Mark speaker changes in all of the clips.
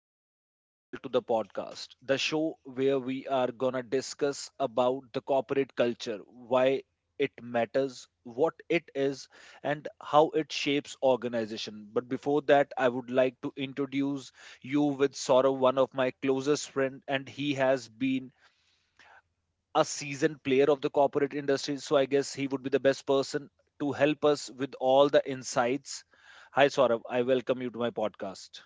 Speaker 1: I welcome you all to the podcast, the show where we are gonna discuss about the corporate culture, why it matters, what it is, and how it shapes organization. But before that, I would like to introduce you with Saurav, one of my closest friend, and he has been a seasoned player of the corporate industry, so I guess he would be the best person to help us with all the insights. Hi, Saurav. I welcome you to my podcast.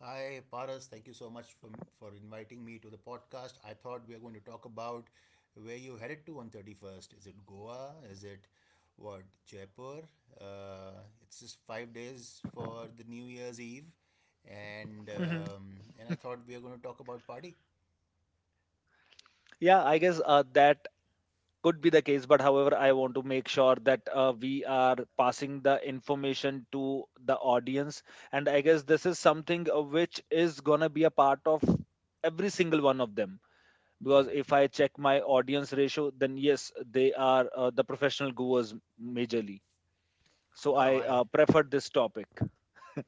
Speaker 2: Hi, Paras. Thank you so much for inviting me to the podcast. I thought we are going to talk about where you headed to on 31st. Is it Goa? Is it what, Jaipur? Uh, it's just 5 days for the New Year's Eve. And I thought we are going to talk about party.
Speaker 1: Yeah, I guess that could be the case. But however, I want to make sure that we are passing the information to the audience. And I guess this is something which is going to be a part of every single one of them. Because
Speaker 2: Yeah.
Speaker 1: if I check my audience ratio, then yes, they are the professional gurus majorly. So
Speaker 2: No, no,
Speaker 1: I
Speaker 2: I.
Speaker 1: prefer this topic.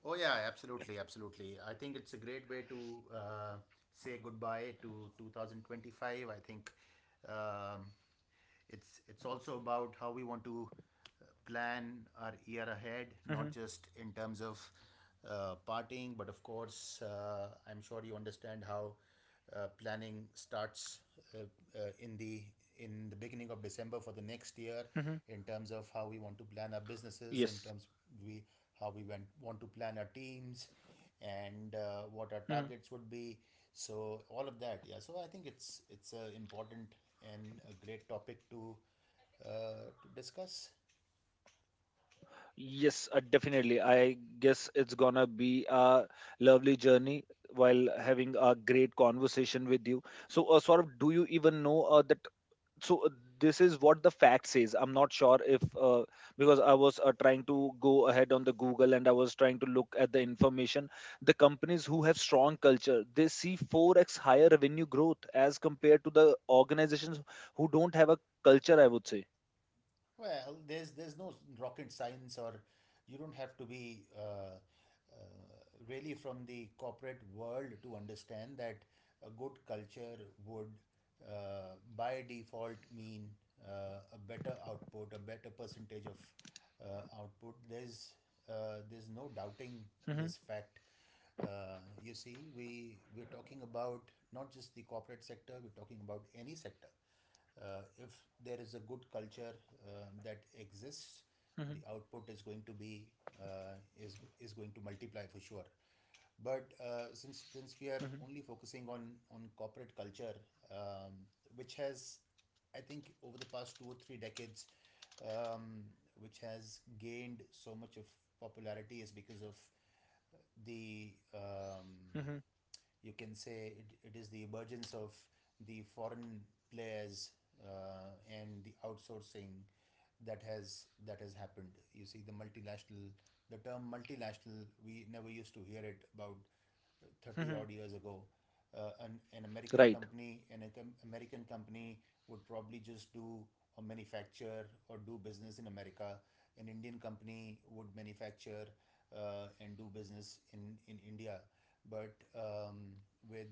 Speaker 2: Oh, yeah, absolutely, absolutely. I think it's a great way to say goodbye to 2025. I think um, it's also about how we want to plan our year ahead, not
Speaker 1: Hmm.
Speaker 2: just in terms of partying, but of course I'm sure you understand how planning starts uh, in the in the beginning of December for the next
Speaker 1: Hmm.
Speaker 2: year, in terms of how we want to plan our
Speaker 1: Yes.
Speaker 2: businesses in terms we how we want to plan our teams, and what our targets would be. So all of that, yeah. So I think it's a important and a great topic to discuss.
Speaker 1: Yes, definitely. I guess it's gonna be a lovely journey while having a great conversation with you. So, Saurabh, do you even know that? So, this is what the fact says. I'm not sure if because I was trying to go ahead on the Google and I was trying to look at the information. The companies who have strong culture, they see 4x higher revenue growth as compared to the organizations who don't have a culture, I would say.
Speaker 2: Well, there's no rocket science, or you don't have to be uh, really from the corporate world to understand that a good culture would, by default, mean a better output, a better percentage of output. There's no doubting this
Speaker 1: Hmm.
Speaker 2: fact. You see, we we're talking about not just the corporate sector; we're talking about any sector. If there is a good culture that exists,
Speaker 1: Hmm.
Speaker 2: the output is going to be is going to multiply for sure. But since we are
Speaker 1: Hmm.
Speaker 2: only focusing on corporate culture, um, which has, I think, over the past two or three decades, um, which has gained so much of popularity, is because of the
Speaker 1: Hmm.
Speaker 2: you can say it, it is the emergence of the foreign players and the outsourcing that has happened. You see, the multinational, the term multinational, we never used to hear it about 30
Speaker 1: Hmm.
Speaker 2: odd years ago. An American
Speaker 1: Right.
Speaker 2: company, an American company would probably just do or manufacture or do business in America. An Indian company would manufacture and do business in India. But with,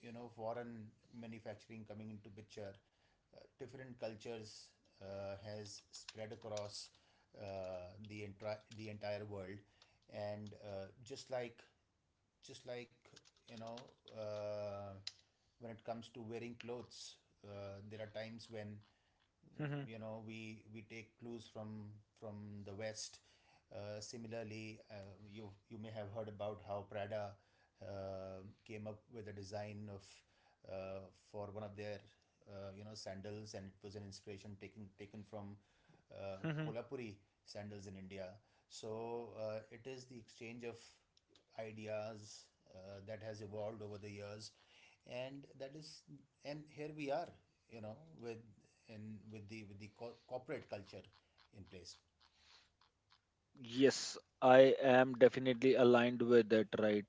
Speaker 2: you know, foreign manufacturing coming into picture, different cultures has spread across the entire world, and just like you know, uh, when it comes to wearing clothes, there are times when,
Speaker 1: Mhm.
Speaker 2: you know, we take clues from from the west. Similarly, you you may have heard about how Prada uh, came up with a design of uh, for one of their you know sandals, and it was an inspiration taken from uh,
Speaker 1: Mhm.
Speaker 2: kolhapuri sandals in India. So it is the exchange of ideas that has evolved over the years, and that is, and here we are, you know, with, and with the corporate culture in place.
Speaker 1: Yes, I am definitely aligned with that, right?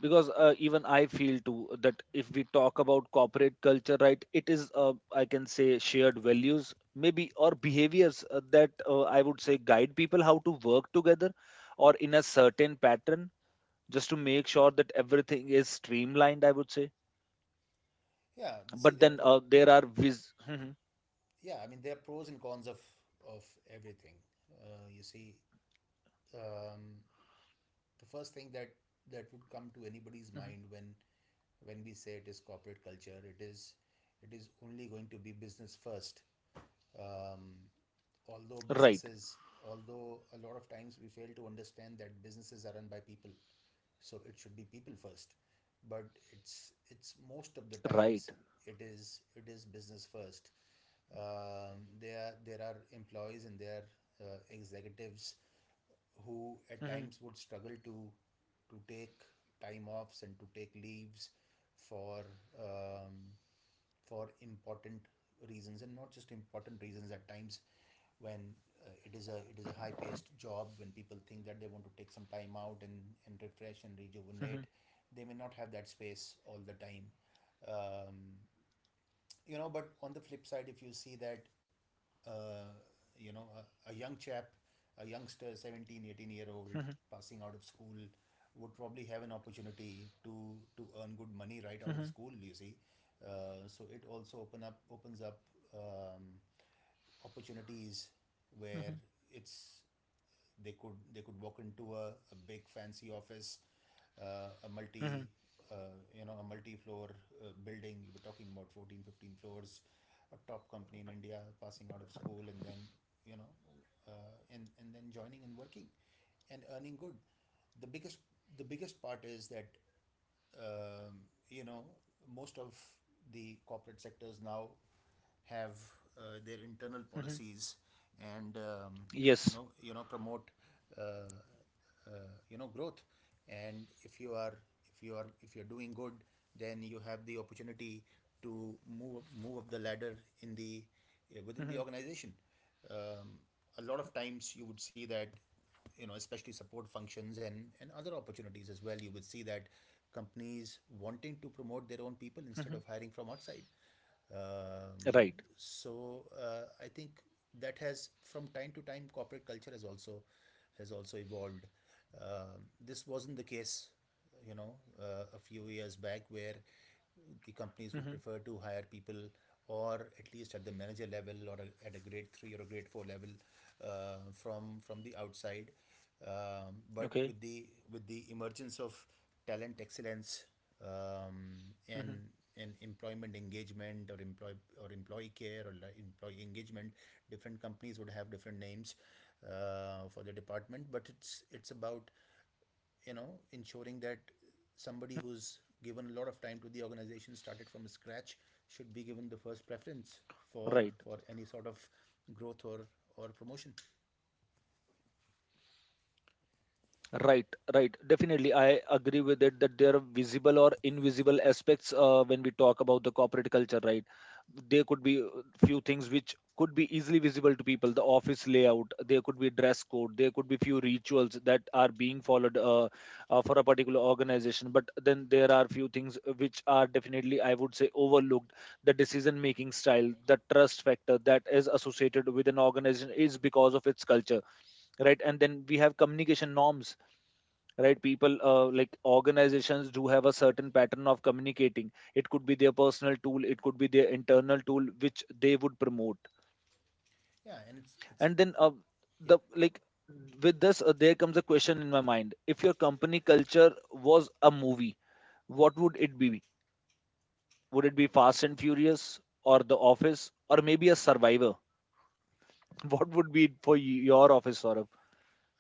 Speaker 1: Because even I feel too that if we talk about corporate culture, right, it is, I can say, shared values, maybe, or behaviors that I would say guide people how to work together or in a certain pattern just to make sure that everything is streamlined, I would say.
Speaker 2: yeah see
Speaker 1: But
Speaker 2: there are
Speaker 1: then
Speaker 2: pro-
Speaker 1: there are vis. Mhm.
Speaker 2: yeah, I mean, there are pros and cons of of everything. You see, um, the first thing that would come to anybody's
Speaker 1: Mhm.
Speaker 2: mind when we say it is corporate culture, it is, it is only going to be business first. um, Although
Speaker 1: Right,
Speaker 2: businesses, although a lot of times we fail to understand that businesses are run by people, so it should be people first. But it's most of the
Speaker 1: right.
Speaker 2: times it is, it is business first. There are employees and there executives who at
Speaker 1: Mhm,
Speaker 2: times would struggle to take time offs and to take leaves for um, for important reasons, and not just important reasons at times when it is a high paced job, when people think that they want to take some time out, and refresh and rejuvenate,
Speaker 1: mhm,
Speaker 2: they may not have that space all the time. um, you know, but on the flip side, if you see that uh, you know, a young chap, a youngster, 17, 18 year old,
Speaker 1: mhm,
Speaker 2: passing out of school, would probably have an opportunity to earn good money right out of
Speaker 1: mhm,
Speaker 2: school, you see. So it also opens up um, opportunities where
Speaker 1: mhm,
Speaker 2: it's they could walk into a big fancy office, a multi
Speaker 1: mhm,
Speaker 2: uh, you know, a multi-floor building. You were talking about 14 15 floors, a top company in India, passing out of school, and then, you know, and then joining and working and earning good. The biggest, the biggest part is that um, you know, most of the corporate sectors now have their internal
Speaker 1: mhm.
Speaker 2: policies. And you know,
Speaker 1: Yes.
Speaker 2: you know promote uh, uh, you know, growth. And if you are, if you're doing good, then you have the opportunity to move up the ladder in the within the
Speaker 1: Mhm,
Speaker 2: organization. um, a lot of times you would see that, you know, especially support functions and other opportunities as well, you would see that companies wanting to promote their own people instead of
Speaker 1: mhm,
Speaker 2: hiring from outside. um,
Speaker 1: right,
Speaker 2: I think that has, from time to time, corporate culture has also, has also evolved. Um, this wasn't the case, you know, a few years back, where the companies would prefer
Speaker 1: mhm,
Speaker 2: to hire people, or at least at the manager level, or at a grade 3 or a grade 4 level from the outside. But with
Speaker 1: okay,
Speaker 2: the, with the emergence of talent excellence, um, and
Speaker 1: mhm,
Speaker 2: employment engagement, or employee, or employee care, or employee engagement, different companies would have different names for the department. But it's about, you know, ensuring that somebody who's given a lot of time to the organization, started from scratch, should be given the first preference for
Speaker 1: right,
Speaker 2: any sort of growth, or promotion.
Speaker 1: right, right, definitely I agree with it that there are visible or invisible aspects when we talk about the corporate culture, right. There could be few things which could be easily visible to people: the office layout, there could be dress code, there could be few rituals that are being followed for a particular organization. But then there are few things which are definitely, I would say, overlooked: the decision making style, the trust factor that is associated with an organization is because of its culture, right. And then we have communication norms, right. People, like organizations, do have a certain pattern of communicating; it could be their personal tool, it could be their internal tool which they would promote.
Speaker 2: Yeah and
Speaker 1: And then
Speaker 2: it's
Speaker 1: the
Speaker 2: Yeah.
Speaker 1: like with this there comes a question in my mind: if your company culture was a movie, what would it be? Would it be Fast and Furious or The Office or maybe a Survivor? What would be it for your office, Saurabh?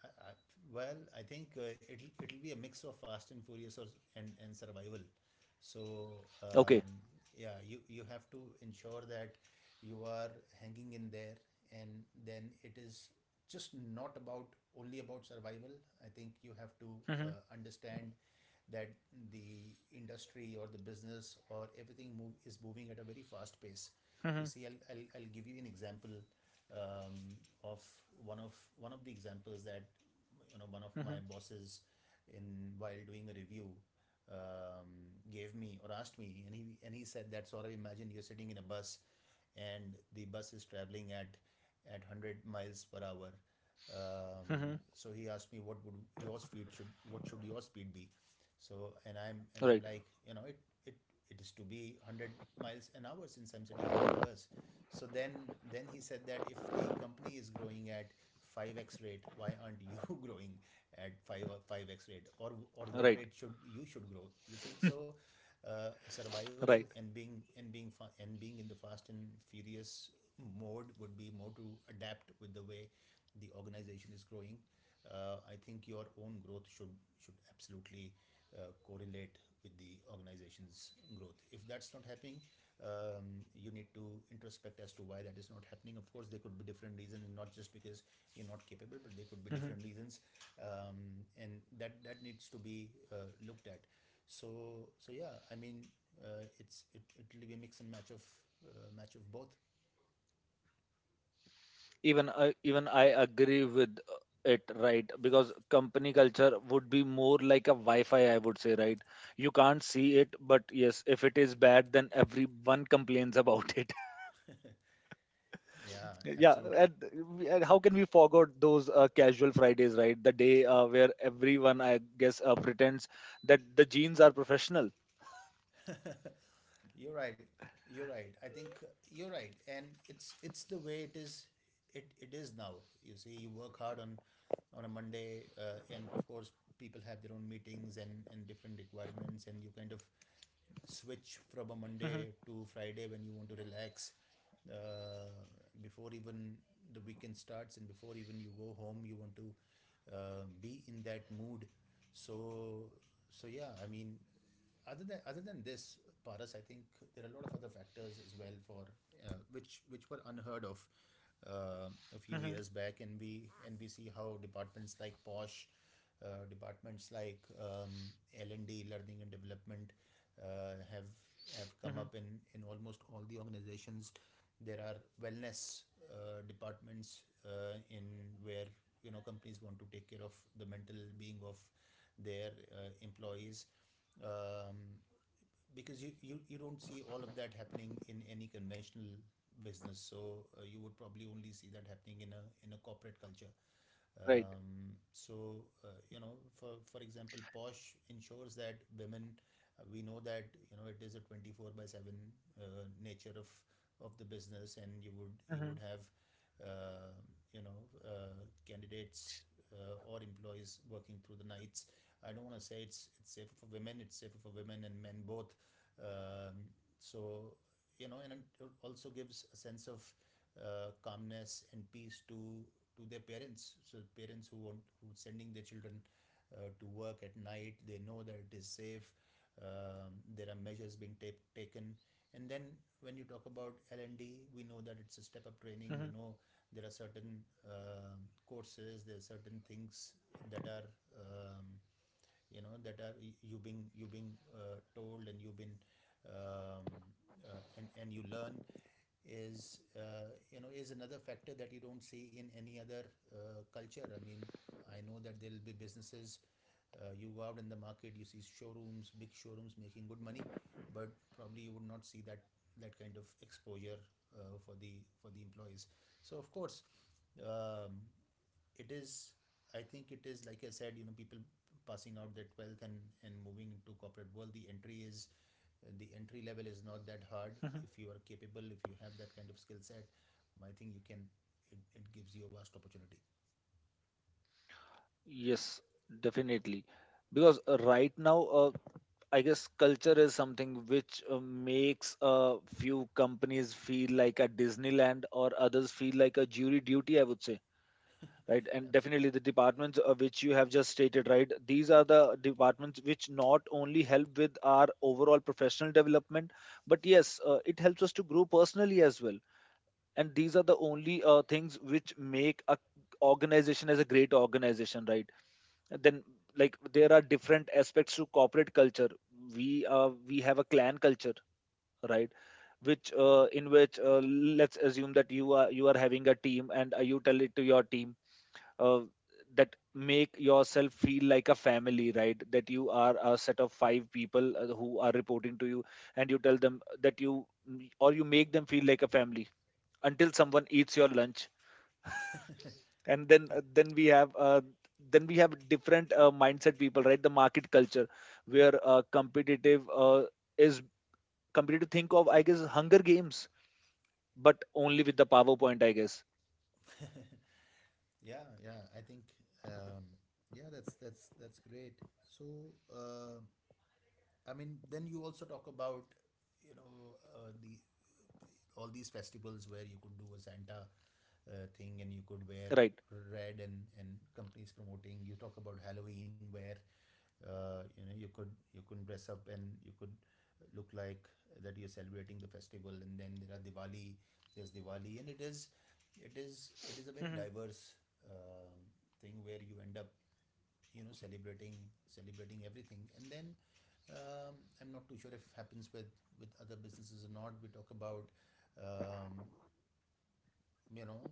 Speaker 2: I, I, well, I think it'll be a mix of Fast and Furious or, and survival. So
Speaker 1: Okay.
Speaker 2: yeah, you have to ensure that you are hanging in there, and then it is just not about, only about survival. I think you have to uh, understand that the industry or the business or everything move is moving at a very fast pace. You see, I'll give you an example um, of of one of the examples that, you know, one of my bosses, in while doing a review, gave me or asked me, and he said that, sort of, imagine you're sitting in a bus and the bus is traveling at 100 miles per hour. So he asked me, what would your speed should, what should your speed be? So, and I'm
Speaker 1: Right.
Speaker 2: like, you know, it it is to be 100 miles an hour, since I'm sitting in that bus. So then he said that, if the company is growing at 5x rate, why aren't you growing at 5 5x rate, or
Speaker 1: Right.
Speaker 2: what rate should you should grow? You see. So survival,
Speaker 1: Right.
Speaker 2: and being and being in the fast and furious mode would be more to adapt with the way the organization is growing. I think your own growth should absolutely correlate with the organization's growth. If that's not happening, you need to introspect as to why that is not happening. Of course, there could be different reasons, and not just because you're not capable, but there could be different reasons. And that needs to be looked at. So so yeah, I mean, it'll be a mix and match of both.
Speaker 1: Even I agree with it, right, because company culture would be more like a wi-fi, I would say, right. You can't see it, but yes, if it is bad then everyone complains about it.
Speaker 2: Yeah,
Speaker 1: Yeah, and
Speaker 2: absolutely.
Speaker 1: how can we forget those casual Fridays, right? The day where everyone, I guess, pretends that the jeans are professional.
Speaker 2: You're right. You're right. I think you're right, and it's the way it is. It is now. You see, you work hard on a Monday, and of course, people have their own meetings and different requirements, and you kind of switch from a Monday to Friday when you want to relax. Uh, Before even the weekend starts, and before even you go home, you want to be in that mood. So so yeah, I mean, other than this, Paras, I think there are a lot of other factors as well for which were unheard of a few years back, and we see how departments like Posh, departments like L&D, learning and development, uh, have have come up in almost all the organizations. There are wellness departments in where you know companies want to take care of the mental being of their employees, um, because you don't see all of that happening in any conventional business. So you would probably only see that happening in a corporate culture. So you know, for example, Posh ensures that women. We know that you know it is a 24 by seven nature of the business, and you would have uh, you know candidates or employees working through the nights. I don't want to say it's safer for women. It's safer for women and men both. Um, so you know, and it also gives a sense of calmness and peace to their parents. So parents who want who sending their children to work at night, they know that it is safe. There are measures being taken, and then when you talk about L and D, we know that it's a step up training. We know there are certain courses, there are certain things that are um, that are y- you being told and you've been um, and you learn is is another factor that you don't see in any other culture. I mean, I know that there will be businesses. You go out in the market, you see showrooms, big showrooms making good money, but probably you would not see that that kind of exposure for the employees so of course, um, it is, I think it is like I said, you know, people passing out their wealth and moving into corporate world, the entry is the entry level is not that hard. If you are capable, if you have that kind of skill set, I think you can, it gives you a vast opportunity.
Speaker 1: Yes, definitely. Because right now, I guess culture is something which makes a few companies feel like a Disneyland or others feel like a jury duty, I would say. Right, and
Speaker 2: Absolutely.
Speaker 1: definitely the departments which you have just stated, right, these are the departments which not only help with our overall professional development, but yes, it helps us to grow personally as well, and these are the only things which make a organization as a great organization, right. Then, like, there are different aspects to corporate culture. We have a clan culture, right, which in which let's assume that you are having a team and you tell it to your team uh, that make yourself feel like a family, right, that you are a set of five people who are reporting to you, and you tell them that you make them feel like a family until someone eats your lunch. And then then we have different mindset people, right, the market culture, where competitive is competitive. Think of, I guess, Hunger Games, but only with the PowerPoint, I guess.
Speaker 2: Yeah, yeah, I think um, yeah, that's great. So I mean, then you also talk about you know the all these festivals where you could do a Santa thing, and you could wear
Speaker 1: Right.
Speaker 2: red and companies promoting, you talk about Halloween where, you know, you could dress up and you could look like that you're celebrating the festival. And then there are Diwali, there's Diwali, and it is it is a very diverse uh, thing where you end up, you know, celebrating everything. And then I'm not too sure if it happens with other businesses or not. We talk about um, you know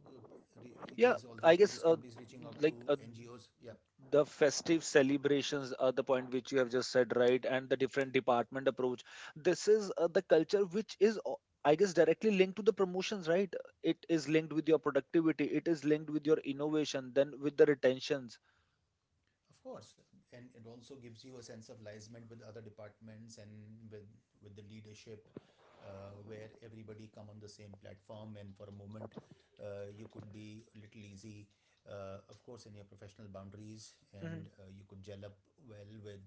Speaker 2: re-
Speaker 1: Yeah,
Speaker 2: these all,
Speaker 1: I
Speaker 2: these all
Speaker 1: guess
Speaker 2: these companies reaching out
Speaker 1: like
Speaker 2: to NGOs, yeah.
Speaker 1: the festive celebrations are the point which you have just said, right, and the different department approach, this is the culture which is I guess directly linked to the promotions, right, it is linked with your productivity, it is linked with your innovation, then with the retentions.
Speaker 2: Of course, and it also gives you a sense of liaisement with other departments and with with the leadership, where everybody come on the same platform, and for a moment, you could be a little easy, of course, in your professional boundaries, and you could gel up well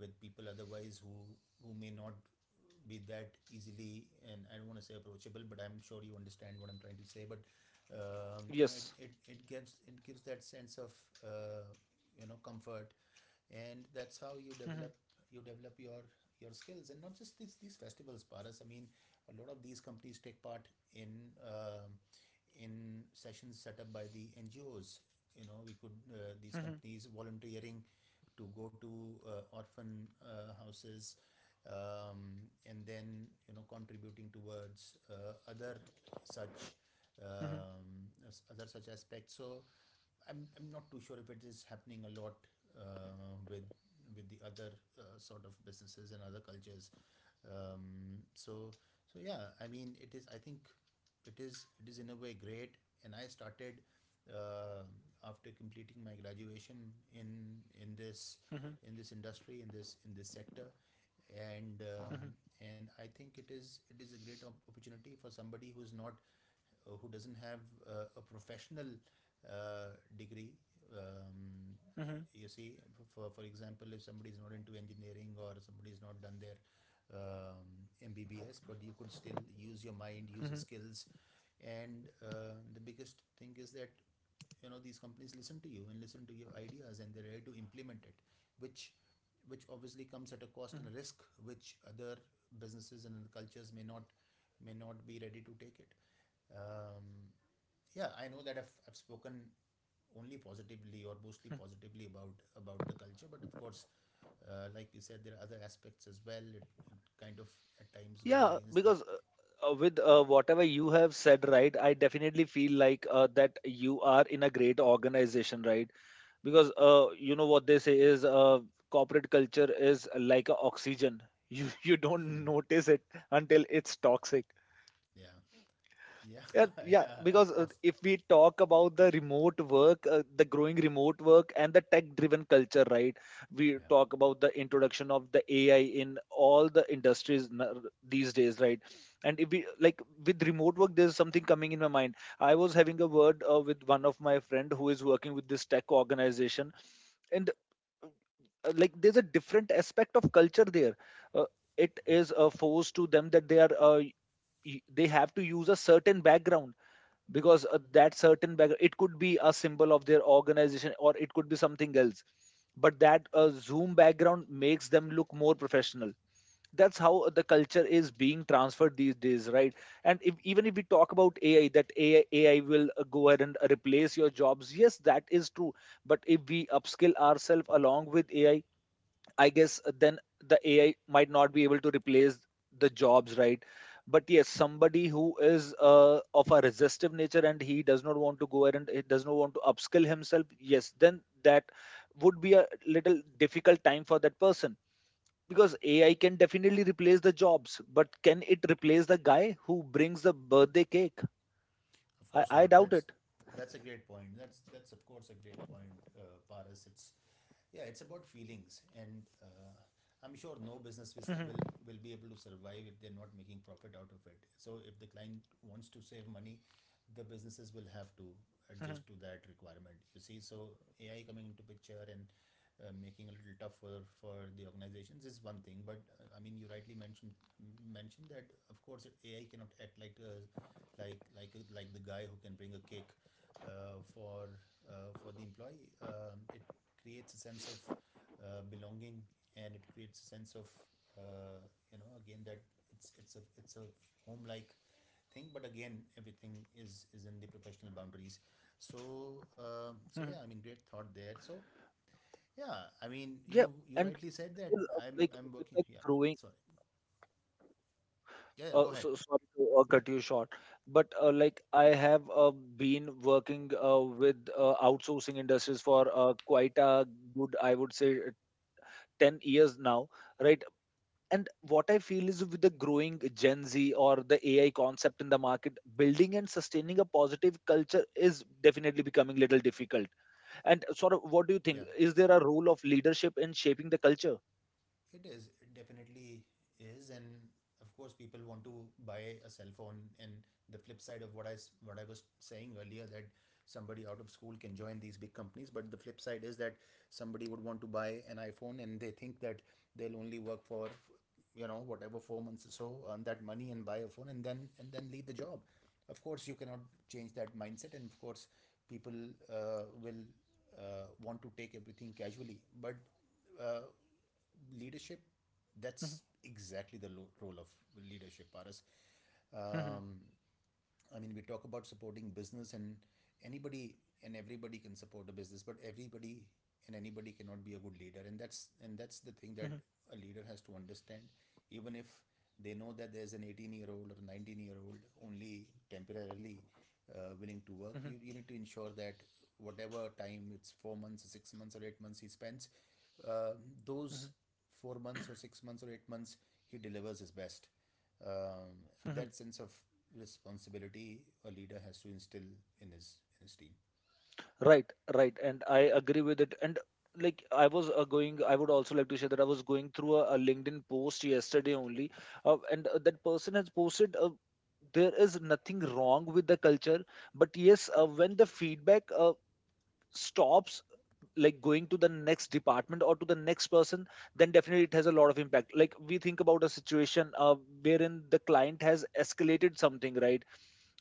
Speaker 2: with people otherwise who may not be that easily, and I don't want to say approachable, but I'm sure you understand what I'm trying to say. But you know,
Speaker 1: Yes.
Speaker 2: it gives, it gives that sense of uh, you know, comfort, and that's how you develop, you develop your skills. And not just these festivals, Paras, I mean, a lot of these companies take part in um sessions set up by the NGOs, you know. We could, these companies volunteering to go to orphan houses, and then, you know, contributing towards such um, other such aspects. So I'm not too sure if it is happening a lot uh, with with the other sort of businesses and other cultures. So so yeah, I mean, it is. I think it is, it is in a way great. And I started uh, after completing my graduation in this industry in this sector, and um, and I think it is, it is a great opportunity for somebody who's not who doesn't have a professional degree. um, you see, for example, if somebody is not into engineering or somebody is not done their um, MBBS. But you could still use your mind, use your skills, and the biggest thing is that, you know, these companies listen to you and listen to your ideas, and they're ready to implement it, which which obviously comes at a cost and a risk which other businesses and other cultures may not be ready to take it. um, yeah, I know that I've spoken only positively or mostly positively about the culture. But of course, like we said, there are other aspects as well. It kind of at times goes
Speaker 1: Yeah,
Speaker 2: against the,
Speaker 1: because with whatever you have said, right, I definitely feel like that you are in a great organization, right? Because you know what they say is corporate culture is like a oxygen. You you don't notice it until it's toxic.
Speaker 2: yeah yeah
Speaker 1: Yeah, yeah,
Speaker 2: yeah, of
Speaker 1: because
Speaker 2: course.
Speaker 1: if we talk about the remote work, the growing remote work and the tech-driven culture, right? We
Speaker 2: Yeah,
Speaker 1: talk about the introduction of the AI in all the industries these days, right? And if we, like, with remote work, there's something coming in my mind. I was having a word with one of my friend who is working with this tech organization, and like there's a different aspect of culture there. uh, it is a force to them that they are they have to use a certain background, because that certain background, it could be a symbol of their organization or it could be something else, but that zoom background makes them look more professional. That's how the culture is being transferred these days, right. And if, even if we talk about AI will go ahead and replace your jobs, yes that is true, but if we upskill ourselves along with AI, I guess then the AI might not be able to replace the jobs, right? But yes, somebody who is of a resistive nature and he does not want to go ahead and he does not want to upskill himself, yes, then that would be a little difficult time for that person, because AI can definitely replace the jobs, but can it replace the guy who brings the birthday cake?
Speaker 2: of
Speaker 1: I,
Speaker 2: course
Speaker 1: I
Speaker 2: not.
Speaker 1: doubt
Speaker 2: That's,
Speaker 1: it.
Speaker 2: that's a great point. That's of course a great point, Paras. It's, yeah, it's about feelings. And I'm sure no business will be able to survive if they're not making profit out of it. So if the client wants to save money, the businesses will have to adjust to that requirement, you see. So AI coming into picture and making a little tougher for the organizations is one thing. But I mean, you rightly mentioned that of course, AI cannot act like like the guy who can bring a cake uh, for for the employee. It creates a sense of belonging, and it creates a sense of uh, again that it's a home like thing. But again, everything is in the professional boundaries. So so yeah, I mean, great thought there. So yeah, I mean,
Speaker 1: Yeah,
Speaker 2: you
Speaker 1: and
Speaker 2: rightly said that i'm
Speaker 1: like
Speaker 2: i'm working,
Speaker 1: with the
Speaker 2: yeah.
Speaker 1: growing—
Speaker 2: Sorry. Yeah, yeah, go
Speaker 1: So,
Speaker 2: ahead.
Speaker 1: sorry to cut you short, but like I have been working with outsourcing industries for quite a good, I would say, 10 years now, right? And what I feel is, with the growing Gen Z or the AI concept in the market, building and sustaining a positive culture is definitely becoming little difficult. And sort of, what do you think?
Speaker 2: Yeah.
Speaker 1: Is there a role of leadership in shaping the culture?
Speaker 2: It is. It definitely is. And of course, people want to buy a cell phone. And the flip side of what I what I was saying earlier, that somebody out of school can join these big companies, but the flip side is that somebody would want to buy an iPhone, and they think that they'll only work for, you know, whatever 4 months or so, earn that money and buy a phone, and then leave the job. Of course, you cannot change that mindset, and of course, people will want to take everything casually. But uh, leadership, that's exactly the role of leadership, Paras. um, I mean, we talk about supporting business, and anybody and everybody can support a business, but everybody and anybody cannot be a good leader. And that's the thing that a leader has to understand. Even if they know that there's an 18-year-old or 19-year-old only temporarily willing to work, you need to ensure that whatever time it's 4 months, 6 months, or 8 months he spends, uh, those 4 months or 6 months or 8 months, he delivers his best. Um, that sense of responsibility a leader has to instill in his team.
Speaker 1: Right, right, and I agree with it. And like I was going, I would also like to share that I was going through a LinkedIn post yesterday only, and that person has posted. There is nothing wrong with the culture, but yes, when the feedback stops, like going to the next department or to the next person, then definitely it has a lot of impact. Like we think about a situation wherein the client has escalated something, right?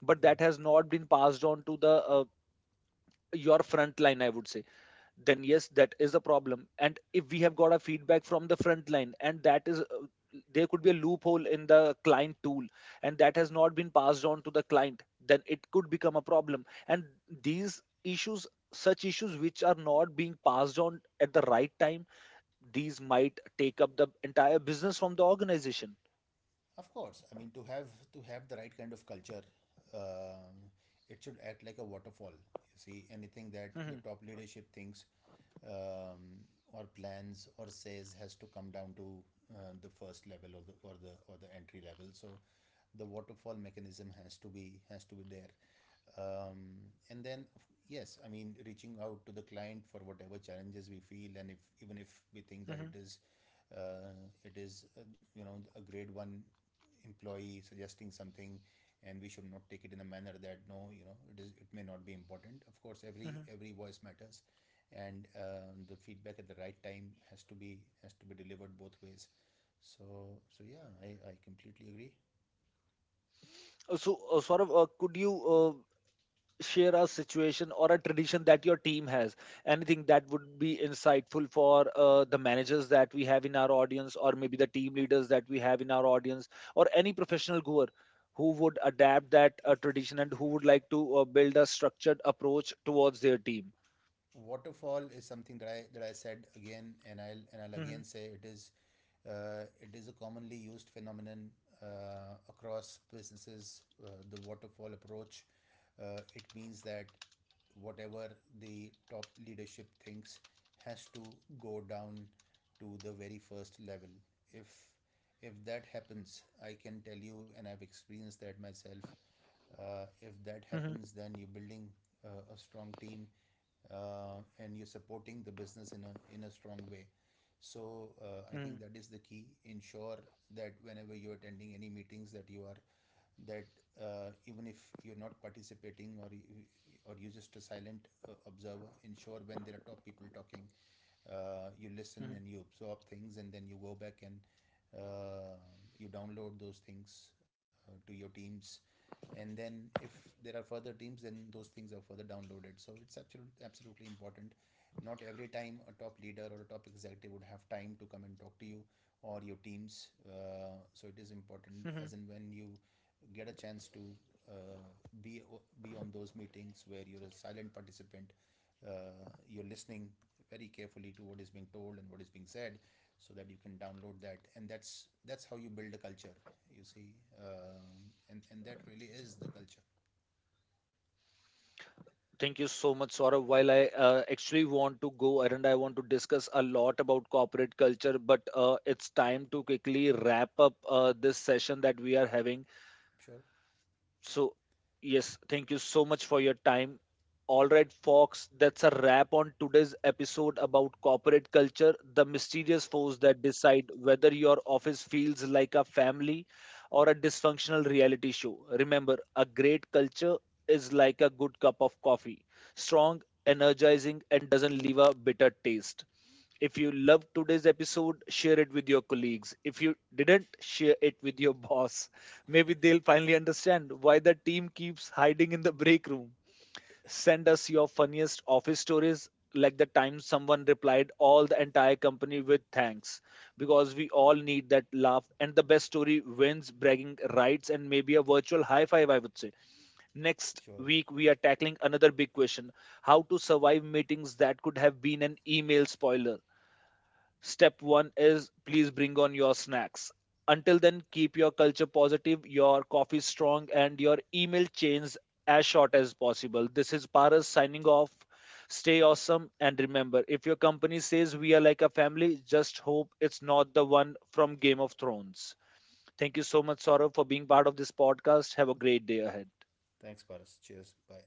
Speaker 1: But that has not been passed on to the your front line, I would say. Then yes, that is a problem. And if we have got a feedback from the front line and that is there could be a loophole in the client tool, and that has not been passed on to the client, then it could become a problem. And these issues such issues which are not being passed on at the right time, these might take up the entire business from the organization.
Speaker 2: Of course, I mean, to have the right kind of culture, um it should act like a waterfall. You see, anything that the top leadership thinks um, or plans or says has to come down to the first level or the or the or the entry level. So the waterfall mechanism has to be there. um, and then, yes, I mean, reaching out to the client for whatever challenges we feel, and if, even if we think that it is uh, it is uh, you know, a grade 1 employee suggesting something, and we should not take it in a manner that, no, you know, it is, it may not be important. Of course, every voice matters. And the feedback at the right time has to be delivered both ways. So so yeah, I completely agree.
Speaker 1: So sort of could you share a situation or a tradition that your team has, anything that would be insightful for the managers that we have in our audience or maybe the team leaders that we have in our audience or any professional goer who would adapt that tradition and who would like to build a structured approach towards their team.
Speaker 2: Waterfall is something that I, that I said again, and I'll, and I'll again say it is a commonly used phenomenon across businesses, the waterfall approach. It means that whatever the top leadership thinks has to go down to the very first level. if if that happens, I can tell you, and I've experienced that myself, if that happens, then you're building a strong team and you're supporting the business in a strong way. So I think that is the key. Ensure that whenever you're attending any meetings, that you are that even if you're not participating, or you're just a silent observer, ensure when there are top people talking, you listen and you absorb things, and then you go back and uh, you download those things to your teams. And then if there are further teams, then those things are further downloaded. So it's absolutely absolutely important. Not every time a top leader or a top executive would have time to come and talk to you or your teams. So it is important as and when you get a chance to uh, be be on those meetings where you're a silent participant, you're listening very carefully to what is being told and what is being said, so that you can download that. And that's how you build a culture, you see. And that really is the culture.
Speaker 1: Thank you so much, Saurabh. While I actually want to go ahead and I want to discuss a lot about corporate culture, but it's time to quickly wrap up this session that we are having.
Speaker 2: Sure.
Speaker 1: So, yes, thank you so much for your time. All right, folks, that's a wrap on today's episode about corporate culture, the mysterious force that decide whether your office feels like a family or a dysfunctional reality show. Remember, a great culture is like a good cup of coffee: strong, energizing, and doesn't leave a bitter taste. If you loved today's episode, share it with your colleagues. If you didn't, share it with your boss. Maybe they'll finally understand why the team keeps hiding in the break room. Send us your funniest office stories, like the time someone replied all the entire company with thanks, because we all need that laugh. And the best story wins bragging rights and maybe a virtual high five, I would say. Next
Speaker 2: Sure,
Speaker 1: week, we are tackling another big question: how to survive meetings that could have been an email. Spoiler: step one is please bring on your snacks. Until then, keep your culture positive, your coffee strong, and your email chains as short as possible. This is Paras signing off. Stay awesome, and remember, if your company says we are like a family, just hope it's not the one from Game of Thrones. Thank you so much, Saurav, for being part of this podcast. Have a great day ahead.
Speaker 2: thanks Paras, cheers, bye.